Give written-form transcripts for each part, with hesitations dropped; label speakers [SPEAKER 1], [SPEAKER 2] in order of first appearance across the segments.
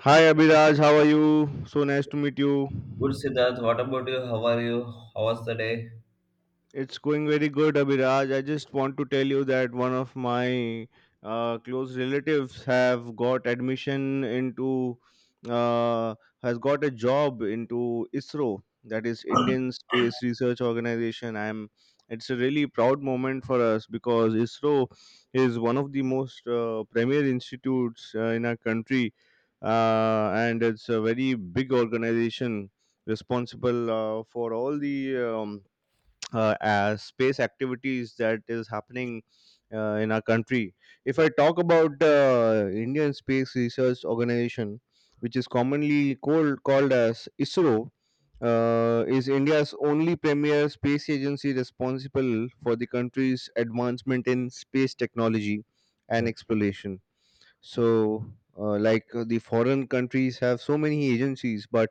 [SPEAKER 1] Hi Abhiraj, how are you? So nice to meet you.
[SPEAKER 2] Good Siddharth, what about you? How are you? How was the day?
[SPEAKER 1] It's going very good, Abhiraj. I just want to tell you that one of my close relatives have got admission into uh, has got a job into ISRO, that is Indian Space Research Organization. I'm It's a really proud moment for us because ISRO is one of the most premier institutes in our country, and it's a very big organization responsible for all the as space activities that is happening in our country. If I talk about Indian Space Research Organization, which is commonly called as ISRO, is India's only premier space agency responsible for the country's advancement in space technology and
[SPEAKER 2] Yes,
[SPEAKER 1] exploration. So, like the foreign countries have so many agencies, but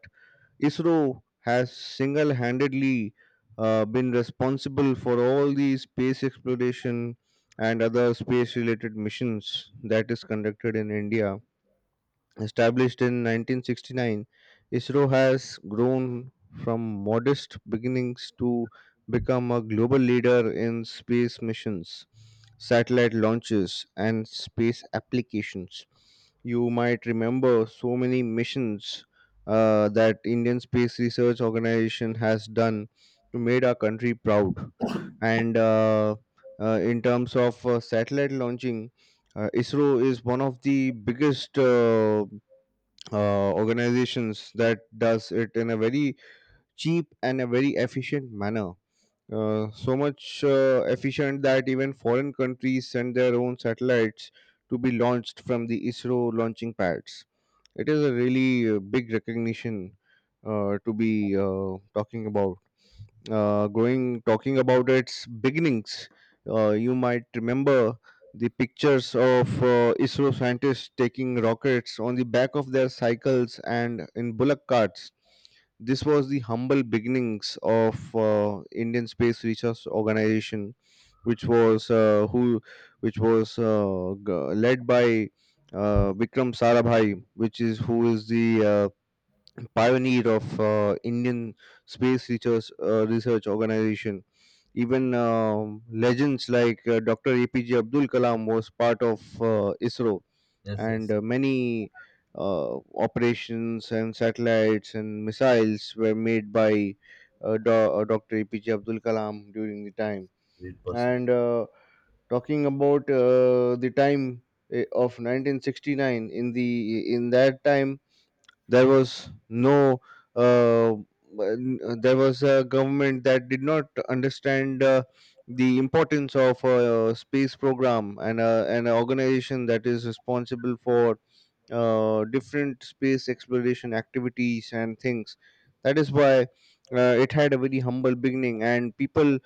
[SPEAKER 1] ISRO has single handedly been responsible for all the space exploration and other space related missions that is conducted in India. Established in 1969, ISRO has grown from modest beginnings to become a global leader in space missions, satellite launches, and space applications. You might remember so many missions that Indian Space Research Organization has done to made our country proud. And In terms of satellite launching, ISRO is one of the biggest. Organizations that does it in a very cheap and a very efficient manner, so much efficient that even foreign countries send their own satellites to be launched from the ISRO launching pads. It is a really big recognition to be talking about going talking about its beginnings. You might remember the pictures of ISRO scientists taking rockets on the back of their cycles and in bullock carts. This was the humble beginnings of Indian Space Research Organization, which was uh, who which was led by Vikram Sarabhai, which is who is the uh, pioneer of Indian space research organization. Even legends like Dr. APJ Abdul Kalam was part of ISRO,
[SPEAKER 2] yes,
[SPEAKER 1] and
[SPEAKER 2] yes.
[SPEAKER 1] many uh, operations and satellites and missiles were made by Dr. APJ Abdul Kalam during the time.
[SPEAKER 2] Great person.
[SPEAKER 1] And talking about the time of 1969, in that time there was no uh, there was a government that did not understand the importance of a space program and an organization that is responsible for different space exploration activities and things. That is why it had a very humble beginning, and people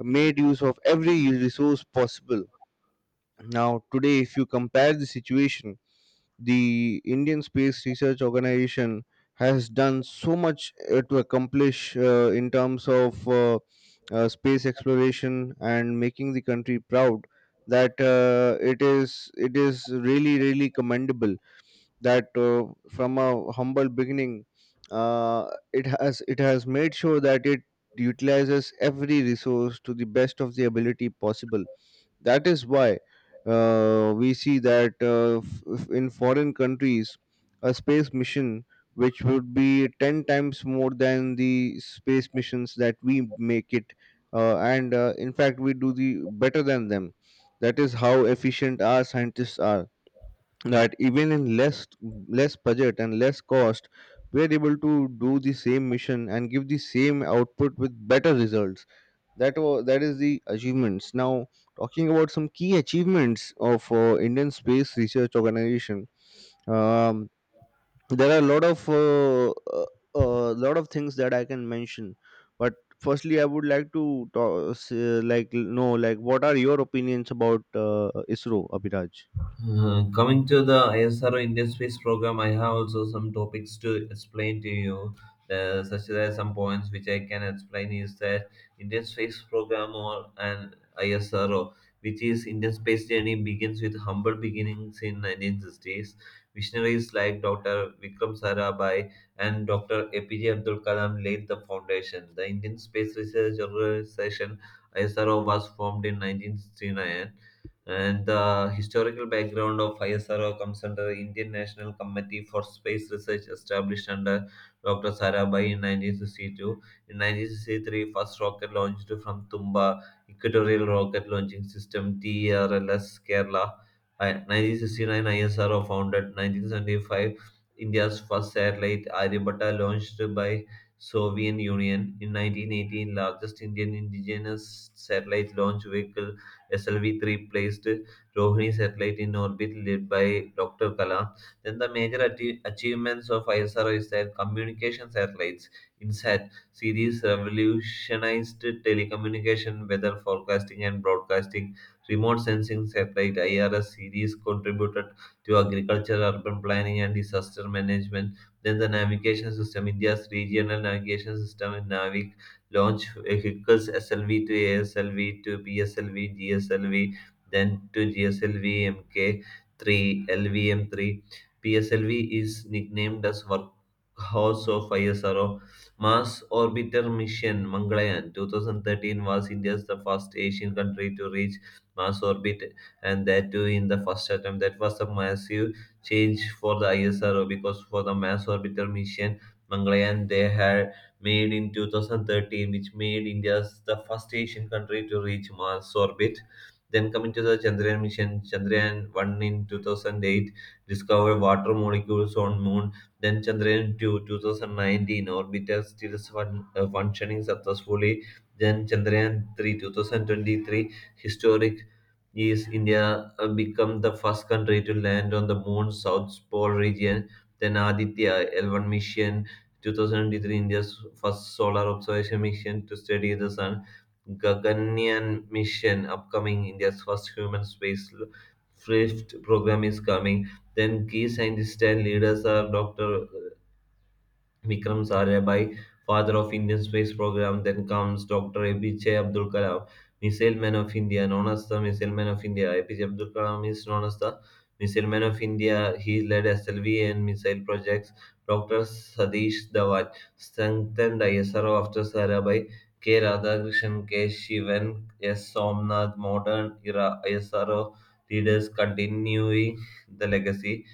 [SPEAKER 1] made use of every resource possible. Now, today, if you compare the situation, the Indian Space Research Organization has done so much to accomplish in terms of space exploration and making the country proud, that it is really commendable that from a humble beginning uh, it has made sure that it utilizes every resource to the best of the ability possible. That is why we see that in foreign countries, a space mission which would be 10 times more than the space missions that we make it, and in fact, we do the better than them. That is how efficient our scientists are. That even in less budget and less cost, we are able to do the same mission and give the same output with better results. That is the achievements. Now talking about some key achievements of Indian Space Research Organization, um, there are a lot of uh, lot of things that I can mention, but firstly I would like to talk, like know like what are your opinions about ISRO, Abhiraj?
[SPEAKER 2] Coming to the ISRO Indian Space Program, I have also some topics to explain to you, such as some points which I can explain is that Indian Space Program or an ISRO, which is Indian space journey, begins with humble beginnings in 1960s. Visionaries like Dr. Vikram Sarabhai and Dr. APJ Abdul Kalam laid the foundation. The Indian Space Research Organization ISRO was formed in 1969, and the historical background of ISRO comes under Indian National Committee for Space Research established under Dr. Sarabhai in 1962. In 1963, first rocket launched from Tumba Equatorial Rocket Launching System TRLS Kerala. 1969 ISRO founded 1975 India's first satellite Aryabhatta launched by Soviet Union. In 1918, largest Indian indigenous satellite launch vehicle SLV-3 placed Rohini satellite in orbit led by Dr. Kalam. Then the major achievements of ISRO is that communication satellites INSAT series revolutionized telecommunication, weather forecasting, and broadcasting. Remote sensing satellite IRS series contributed to agriculture, urban planning, and disaster management. Then the navigation system, India's regional navigation system, NAVIC, launch vehicles SLV to ASLV to PSLV, GSLV, then to GSLV MK3, LVM3. PSLV is nicknamed as Workhorse of ISRO. Mars Orbiter Mission Mangalayaan 2013 was India's the first Asian country to reach Mars orbit, and that too in the first attempt. That was a massive change for the ISRO because for the Mars Orbiter Mission Mangalayaan they had made in 2013, which made India the first Asian country to reach Mars orbit. Then coming to the Chandrayaan mission, Chandrayaan 1 in 2008 discovered water molecules on moon. Then Chandrayaan 2 2019 orbiter still functioning successfully. Then Chandrayaan 3 2023 historic is India become the first country to land on the moon's south pole region. Then Aditya L1 mission 2023 India's first solar observation mission to study the sun, Gaganyaan mission upcoming, India's first human space lift program is coming. Then key scientists and leaders are Dr. Vikram Sarabhai, father of Indian space program. Then comes Dr. APJ Abdul Kalam, missile man of India, known as the missile man of India. APJ Abdul Kalam is known as the missile man of India. He led SLV and missile projects. Dr. Sadish Dhawan strengthened ISRO after Sarabhai. K. Radhakrishnan, K. Shivan, S. Somnath, modern era ISRO leaders continuing the legacy.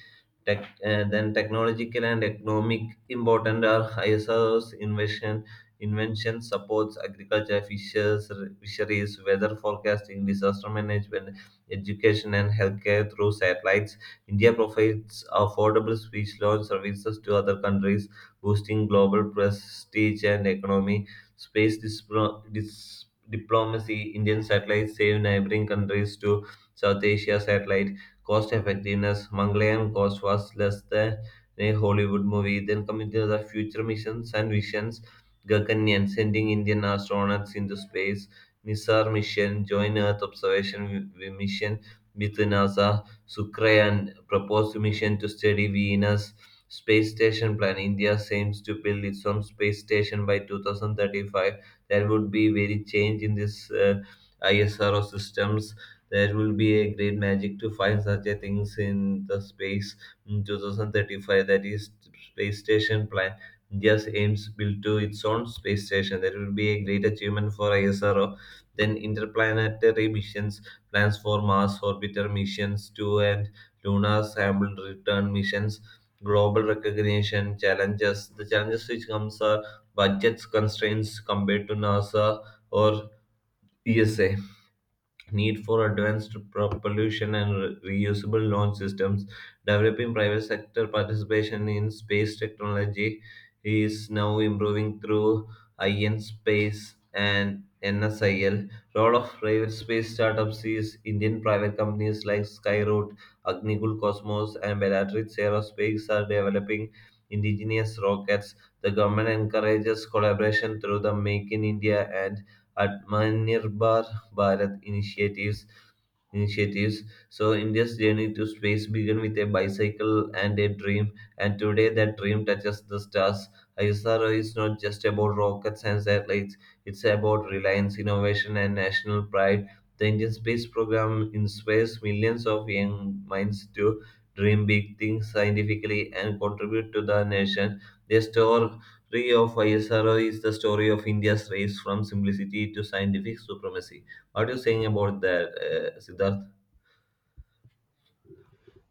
[SPEAKER 2] Then technological and economic important are ISRO's invention supports agriculture, fishes, fisheries, weather forecasting, disaster management, education, and healthcare through satellites. India provides affordable speech launch services to other countries, boosting global prestige and economy. Space diplomacy, Indian satellites save neighboring countries to South Asia satellite cost effectiveness, Mongolian cost was less than a Hollywood movie. Then coming to the future missions and visions, Gaganyaan sending Indian astronauts into space, Nisar mission, joint Earth observation mission with NASA, Sukrayan proposed mission to study Venus. Space station plan India aims to build its own space station by 2035. There would be very change in this ISRO systems, there will be a great magic to find such a things in the space in 2035. That is space station plan. India's aims built to its own space station. That will be a great achievement for ISRO. Then interplanetary missions, plans for Mars orbiter missions two and lunar sample return missions, global recognition challenges. The challenges which comes are budget constraints compared to NASA or ESA, need for advanced propulsion and reusable launch systems. Developing private sector participation in space technology is now improving through IN Space and NSIL. Role of private space startups is Indian private companies like Skyroot, Agnikul Cosmos, and Bellatrix Aerospace are developing indigenous rockets. The government encourages collaboration through the Make in India and Atmanirbhar Bharat initiatives. So India's journey to space began with a bicycle and a dream, and today that dream touches the stars. ISRO is not just about rockets and satellites; it's about reliance, innovation, and national pride. The Indian space program inspires millions of young minds to dream big things scientifically and contribute to the nation. The story of ISRO is the story of India's race from simplicity to scientific supremacy. What are you saying about that, Siddharth?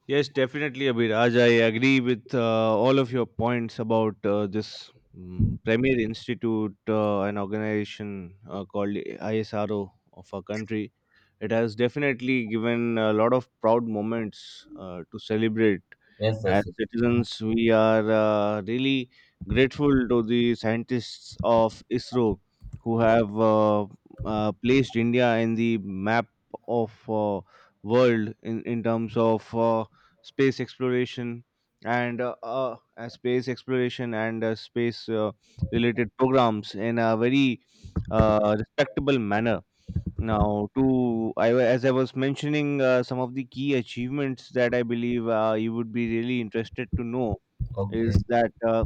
[SPEAKER 1] Yes, definitely, Abhiraj. I agree with all of your points about this premier institute, an organization called ISRO of our country. It has definitely given a lot of proud moments to celebrate.
[SPEAKER 2] Yes, yes,
[SPEAKER 1] As
[SPEAKER 2] yes.
[SPEAKER 1] citizens, we are really grateful to the scientists of ISRO who have placed India in the map of world, in terms of space exploration and space related programs in a very respectable manner. Now, as I was mentioning some of the key achievements that I believe you would be really interested to know
[SPEAKER 2] Okay.
[SPEAKER 1] is that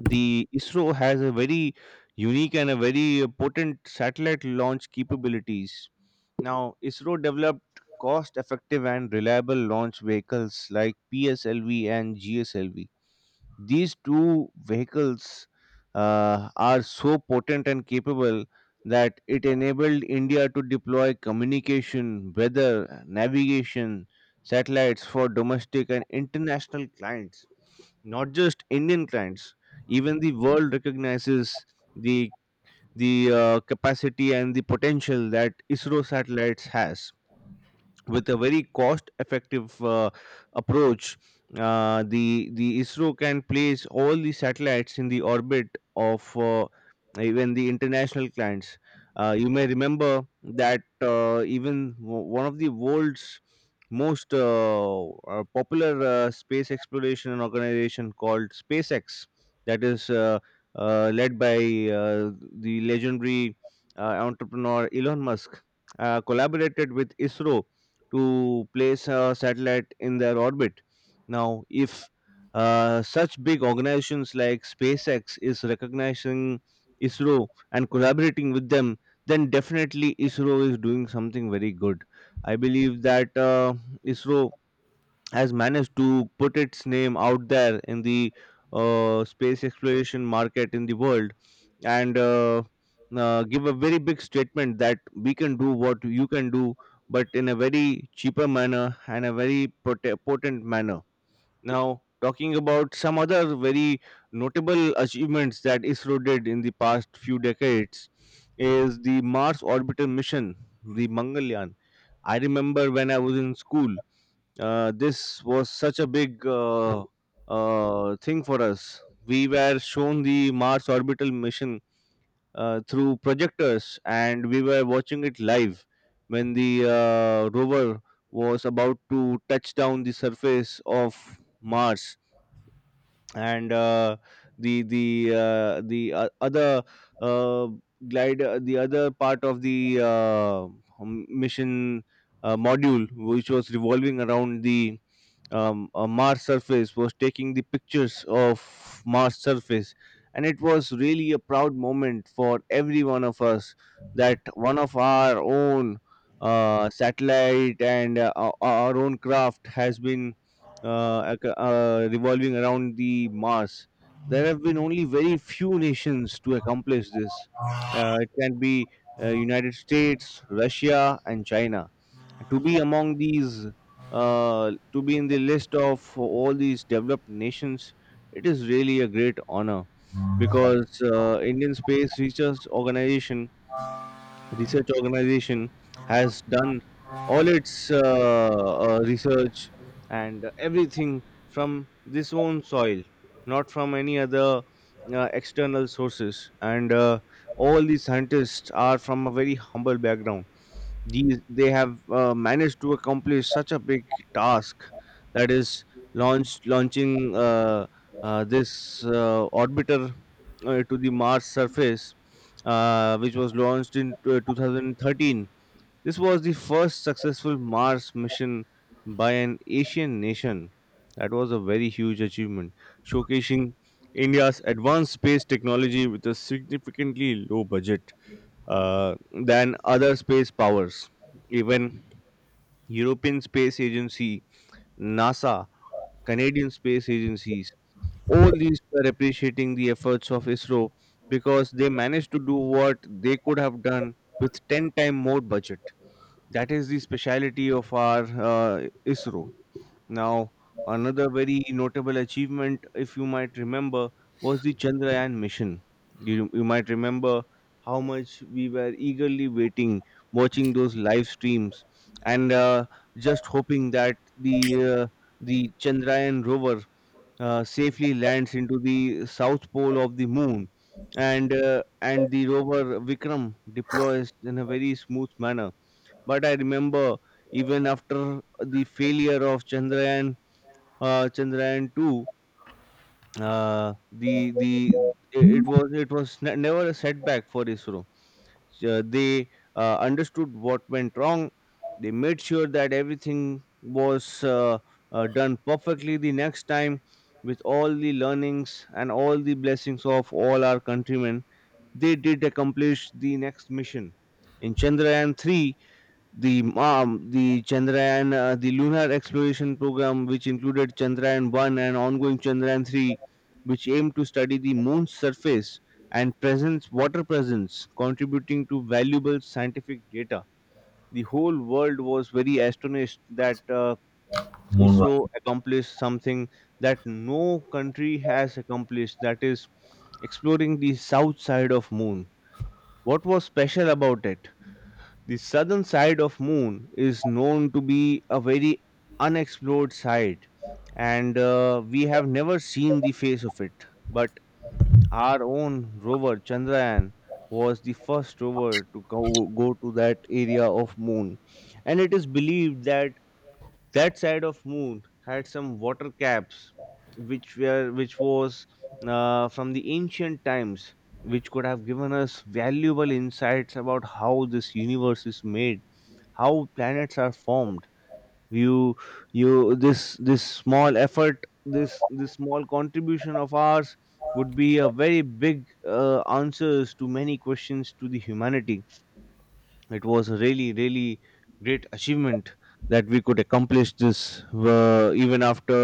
[SPEAKER 1] the ISRO has a very unique and a very potent satellite launch capabilities. Now, ISRO developed cost effective and reliable launch vehicles like PSLV and GSLV. These two vehicles are so potent and capable that it enabled India to deploy communication, weather, navigation, satellites for domestic and international clients. Not just Indian clients, even the world recognizes the the capacity and the potential that ISRO satellites has with a very cost effective approach. The ISRO can place all the satellites in the orbit of even the international clients. You may remember that even one of the world's most popular space exploration organization called SpaceX, that is led by uh, the legendary entrepreneur Elon Musk, collaborated with ISRO to place a satellite in their orbit. Now, if such big organizations like SpaceX is recognizing ISRO and collaborating with them, then definitely ISRO is doing something very good. I believe that ISRO has managed to put its name out there in the space exploration market in the world, and give a very big statement that we can do what you can do, but in a very cheaper manner and a very potent manner. Now, talking about some other very notable achievements that ISRO did in the past few decades is the Mars orbital mission, the Mangalyaan. I remember when I was in school, this was such a big thing for us. We were shown the Mars orbital mission through projectors, and we were watching it live when the rover was about to touch down the surface of Mars, and the the the other uh, glider, the other part of the mission module, which was revolving around the a Mars surface, was taking the pictures of Mars surface, and it was really a proud moment for every one of us that one of our own satellite and our own craft has been revolving around the Mars. There have been only very few nations to accomplish this. It can be United States, Russia, and China. To be among these, to be in the list of all these developed nations, it is really a great honor because Indian Space Research Organization has done all its research and everything from this own soil, not from any other external sources. And all these scientists are from a very humble background. These They have managed to accomplish such a big task, that is launching this orbiter to the Mars surface, which was launched in 2013. This was the first successful Mars mission by an Asian nation. That was a very huge achievement, showcasing India's advanced space technology with a significantly low budget uh, than other space powers. Even European Space Agency, NASA, Canadian space agencies, all these were appreciating the efforts of ISRO because they managed to do what they could have done with 10 time more budget. That is the speciality of our ISRO. Now, another very notable achievement, if you might remember, was the Chandrayaan mission. You might remember how much we were eagerly waiting, watching those live streams, and just hoping that the Chandrayaan rover safely lands into the south pole of the moon, and the rover Vikram deploys in a very smooth manner. But I remember even after the failure of Chandrayaan-2, the it was never a setback for ISRO. So they understood what went wrong. They made sure that everything was done perfectly the next time, with all the learnings and all the blessings of all our countrymen. They did accomplish the next mission in Chandrayaan-3. The lunar exploration program, which included Chandrayaan 1 and ongoing Chandrayaan 3, which aimed to study the moon's surface and presence, water presence, contributing to valuable scientific data. The whole world was very astonished that
[SPEAKER 2] Moonwalk.
[SPEAKER 1] ISRO accomplished something that no country has accomplished, that is, exploring the south side of moon. What was special about it? The southern side of moon is known to be a very unexplored side, and we have never seen the face of it. But our own rover Chandrayaan was the first rover to go to that area of moon, and it is believed that that side of moon had some water caps which were which was from the ancient times, which could have given us valuable insights about how this universe is made, how planets are formed. you you this this small effort, this small contribution of ours would be a very big answers to many questions to the humanity. It was a really great achievement that we could accomplish this, even after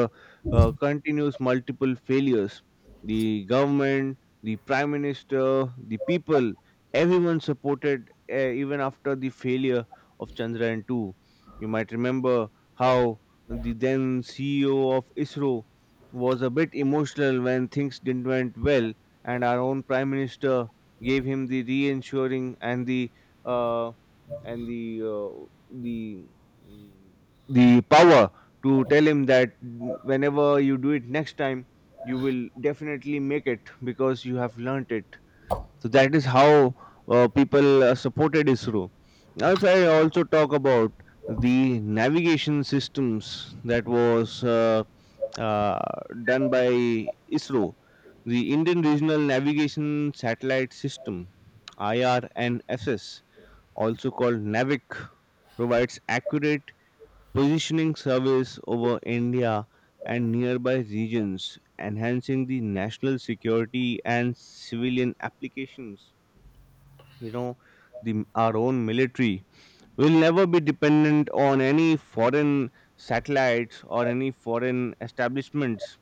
[SPEAKER 1] continuous multiple failures. The government the prime minister, the people, everyone supported, even after the failure of chandrayaan 2. You might remember how the then ceo of isro was a bit emotional when things didn't went well, and our own prime minister gave him the reassuring and the uh, and the uh, the mm, the power to tell him that, whenever you do it next time you will definitely make it, because you have learnt it. So that is how people supported isro. Now if I also talk about the navigation systems, that was uh, done by isro, the indian regional navigation satellite system, irnss, also called Navic, provides accurate positioning service over India and nearby regions, enhancing the national security and civilian applications. You know, the our own military We'll never be dependent on any foreign satellites or any foreign establishments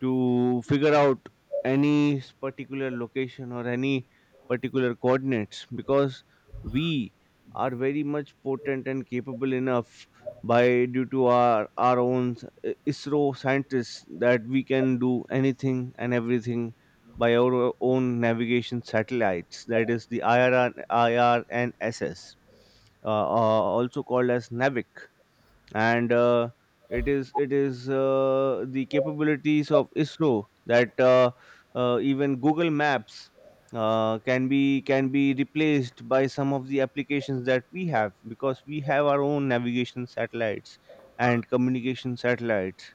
[SPEAKER 1] to figure out any particular location or any particular coordinates, because we are very much potent and capable enough, by due to our own ISRO scientists, that we can do anything and everything by our own navigation satellites, that is the IR and IR and S S, also called as navic. And it is the capabilities of isro that even google maps can be replaced by some of the applications that we have, because we have our own navigation satellites and communication satellites.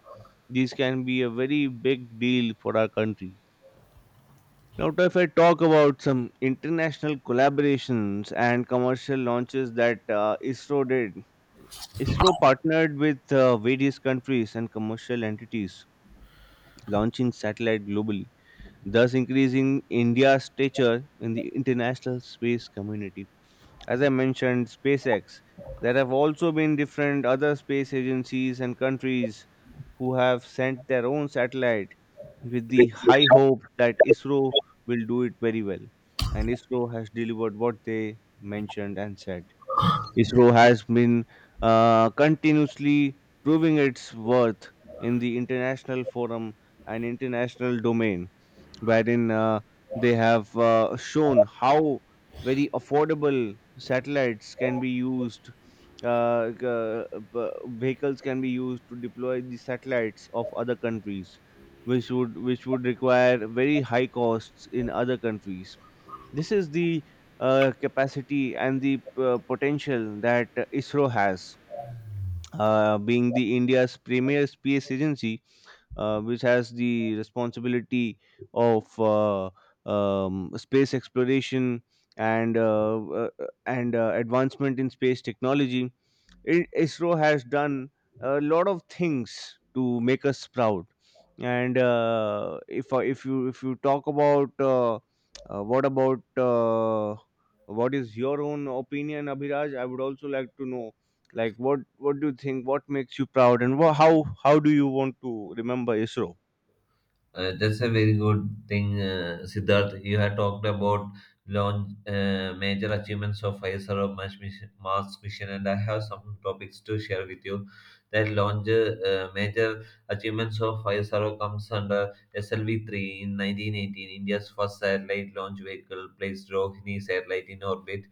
[SPEAKER 1] These can be a very big deal for our country. Now, if I talk about some international collaborations and commercial launches that ISRO did, ISRO partnered with various countries and commercial entities, launching satellite globally, thus increasing India's stature in the international space community. As I mentioned, SpaceX. There have also been different other space agencies and countries who have sent their own satellite with the high hope that ISRO will do it very well. And ISRO has delivered what they mentioned and said. ISRO has been continuously proving its worth in the international forum and international domain, wherein they have shown how very affordable satellites can be used, uh, g- uh, b- vehicles can be used to deploy the satellites of other countries, which would require very high costs in other countries. This is the capacity and the potential that isro has, being the india's premier space agency, which has the responsibility of space exploration and advancement in space technology. ISRO has done a lot of things to make us proud. And if you talk about what about, uh, what is your own opinion, Abhiraj? I would also like to know, like what do you think? What makes you proud, and how do you want to remember ISRO?
[SPEAKER 2] That's a very good thing, Siddharth. You had talked about launch major achievements of ISRO Mars mission, and I have some topics to share with you. That launch major achievements of ISRO comes under SLV 3 in 1918, India's first satellite launch vehicle placed Rohini satellite in orbit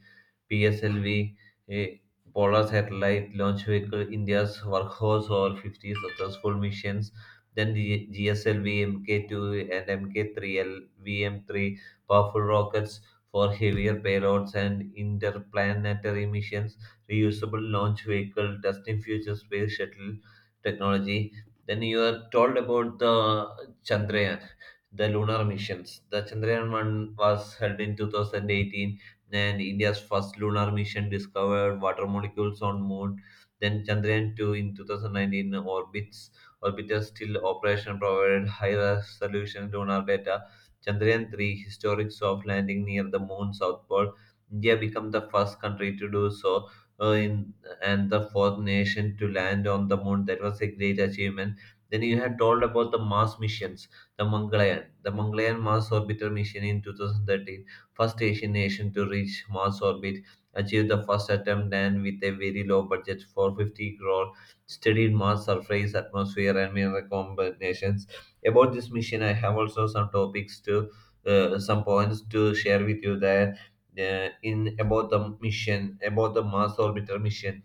[SPEAKER 2] PSLV, a polar satellite launch vehicle, India's workhorse over 50 successful missions. Then the GSLV Mk2 and mk 3 LVM 3 powerful rockets for heavier payloads and interplanetary missions, reusable launch vehicle, destined future space shuttle technology. Then you are told about the Chandrayaan, the lunar missions. The Chandrayaan 1 was held in 2018, then India's first lunar mission discovered water molecules on moon. Then Chandrayaan-2 in 2019 orbits orbiter still operation provided high resolution lunar data. Chandrayaan-3 historic soft landing near the moon south pole. India became the first country to do so, uh, in, and the fourth nation to land on the moon. That was a great achievement. Then you had told about the Mars missions, the Mangalyaan, Mars Orbiter mission in 2013 first Asian nation to reach Mars orbit, achieved the first attempt and with a very low budget for 50 crore, studied Mars surface, atmosphere, and mineral combinations. About this mission, I have also some topics to some points to share with you there, in about the mission about the Mars orbital mission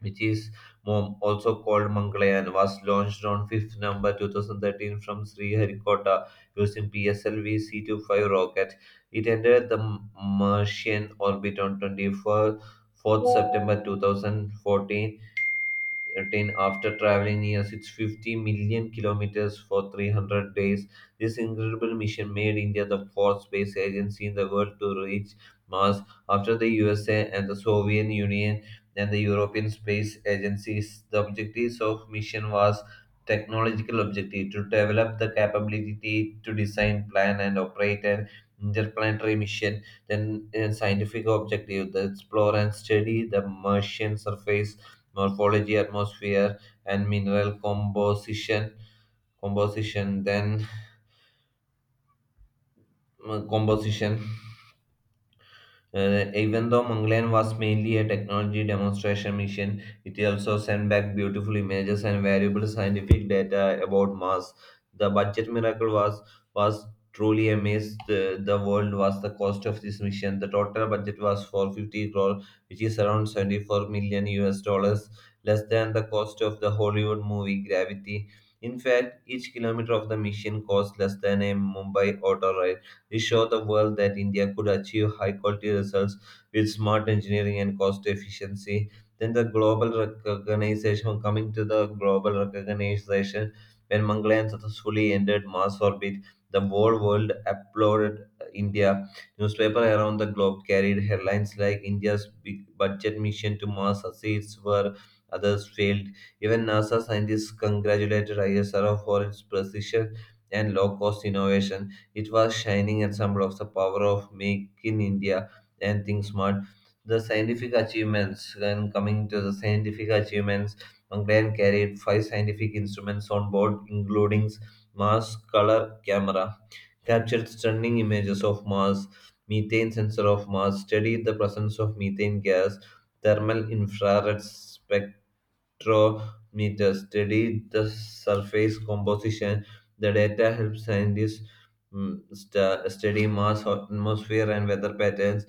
[SPEAKER 2] which is also called Mangalayan, was launched on 5th November 2013 from Sriharikota using PSLV C-25 rocket. It entered the Martian orbit on 24th September 2014 attained after traveling near its 50 million kilometers for 300 days. This incredible mission made India the fourth space agency in the world to reach Mars after the USA and the Soviet Union and the European Space Agencies. The objectives of mission was technological objective to develop the capability to design, plan, and operate an interplanetary mission. Then, scientific objective to explore and study the Martian surface morphology, atmosphere, and mineral composition. Composition, then composition. Even though Mangalyaan was mainly a technology demonstration mission, it also sent back beautiful images and valuable scientific data about Mars. The budget miracle was truly amazed. The world was the cost of this mission. The total budget was 450 crore, which is around 74 million US dollars, less than the cost of the Hollywood movie Gravity. In fact, each kilometer of the mission cost less than a Mumbai auto. We showed the world that India could achieve high quality results with smart engineering and cost efficiency. Then the global recognition, coming to the global recognition, when Mangalyaan successfully entered Mars orbit, the whole world applauded India. Newspapers around the globe carried headlines like India's big budget mission to Mars succeeds where others failed. Even NASA scientists congratulated ISRO for its precision and low cost innovation. It was shining example of the power of Make in India and Think Smart. The scientific achievements, when coming to the scientific achievements, Mangalyaan carried five scientific instruments on board, including Mars color camera, captured stunning images of Mars, methane sensor of Mars, studied the presence of methane gas, thermal infrared spectrometer study the surface composition. The data helps scientists, study Mars atmosphere and weather patterns.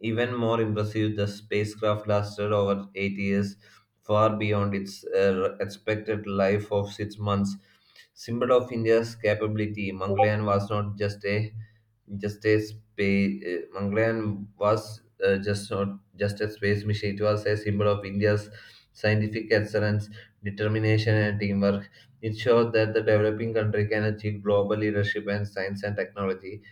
[SPEAKER 2] Even more impressive, the spacecraft lasted over 8 years, far beyond its expected life of 6 months, symbol of India's capability, Mangalyaan was not just a space. Mangalyaan was just not just a space mission; it was a symbol of India's scientific excellence, determination, and teamwork. It showed that the developing country can achieve global leadership in science and technology,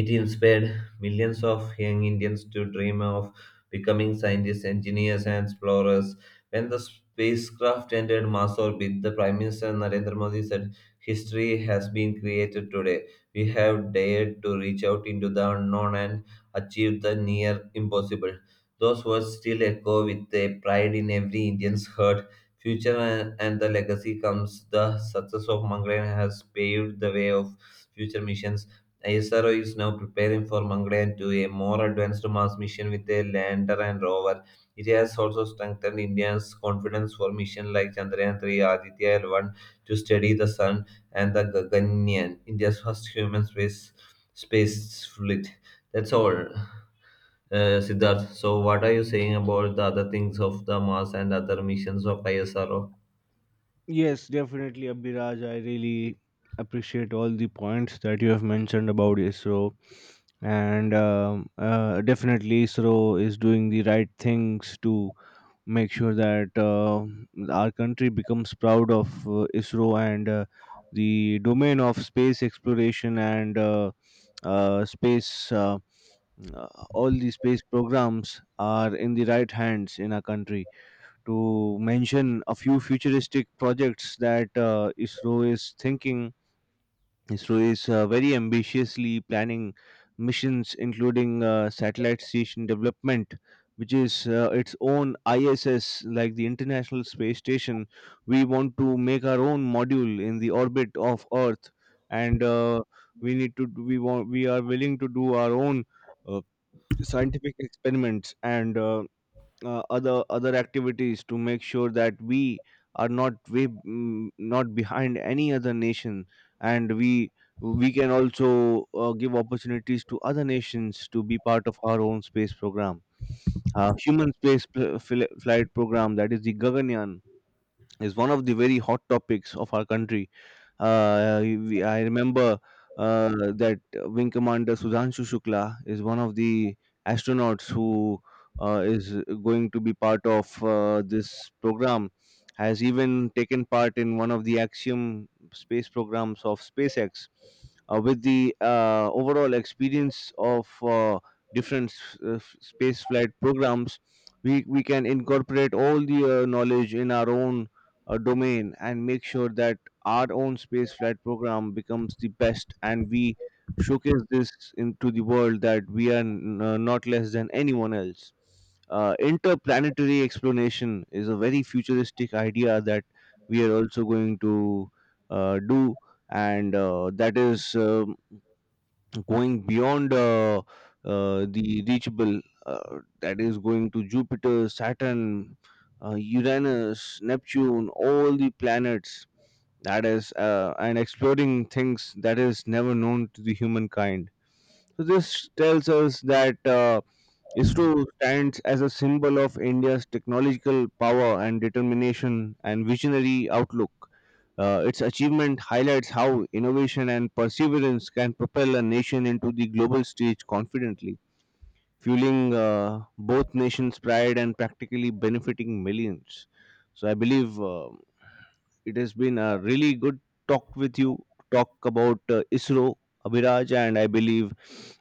[SPEAKER 2] it inspired millions of young Indians to dream of becoming scientists, engineers, and explorers. When the spacecraft entered Mars orbit, the Prime Minister Narendra Modi said, History has been created today. We have dared to reach out into the unknown and achieve the near impossible. Those words still echo with a pride in every Indian's heart. Future and the legacy comes. The success of Mangalyaan has paved the way of future missions, ISRO is now preparing for Mangalyaan 2, a more advanced Mars mission with a lander and rover. It has also strengthened India's confidence for missions like Chandrayaan 3, Aditya L1 to study the sun, and the Gaganyaan, India's first human space flight. That's all, Siddharth. So, what are you saying about the other things of the Mars and other missions of ISRO?
[SPEAKER 1] Yes, definitely, Abhiraj. I really appreciate all the points that you have mentioned about ISRO. And definitely, ISRO is doing the right things to make sure that our country becomes proud of ISRO, and the domain of space exploration and space. Uh, all the space programs are in the right hands in our country. To mention a few futuristic projects that ISRO is thinking, ISRO is very ambitiously planning missions, including satellite station development, which is its own ISS, like the International Space Station. We want to make our own module in the orbit of Earth, and we need to. We want. We are willing to do our own uh, scientific experiments and. Other activities to make sure that we are not way, not behind any other nation, and we can also give opportunities to other nations to be part of our own space program. Human space flight program, that is the gaganyaan, is one of the very hot topics of our country. I remember uh, that Wing Commander Sudhanshu Shukla is one of the astronauts who is going to be part of this program. Has even taken part in one of the Axiom space programs of SpaceX, with the overall experience of different space flight programs, we can incorporate all the knowledge in our own domain, and make sure that our own space flight program becomes the best, and we showcase this into the world that we are not less than anyone else. Interplanetary exploration is a very futuristic idea that we are also going to do, and that is going beyond the reachable, that is going to Jupiter, Saturn, Uranus, Neptune, all the planets. That is, and exploring things that is never known to the humankind. So this tells us that. ISRO stands as a symbol of India's technological power and determination and visionary outlook. Its achievement highlights how innovation and perseverance can propel a nation into the global stage confidently, fueling, both nations' pride, and practically benefiting millions. So I believe it has been a really good talk with you, talk about ISRO, Abhiraj, and I believe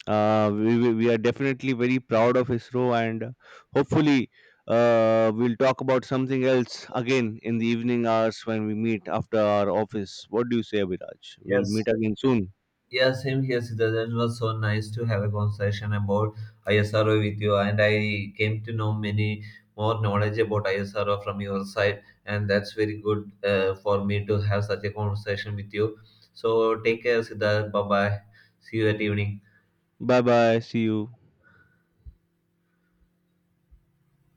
[SPEAKER 1] we are definitely very proud of ISRO, and hopefully we'll talk about something else again in the evening hours when we meet after our office. What do you say, Abhiraj? We'll
[SPEAKER 2] Yes,
[SPEAKER 1] meet again soon.
[SPEAKER 2] yeah, same here, Siddharth. It was so nice to have a conversation about ISRO with you, and I came to know many more knowledge about ISRO from your side, and that's very good for me to have such a conversation with you. So take care, Siddharth. Bye bye. See you at evening.
[SPEAKER 1] Bye bye. See you.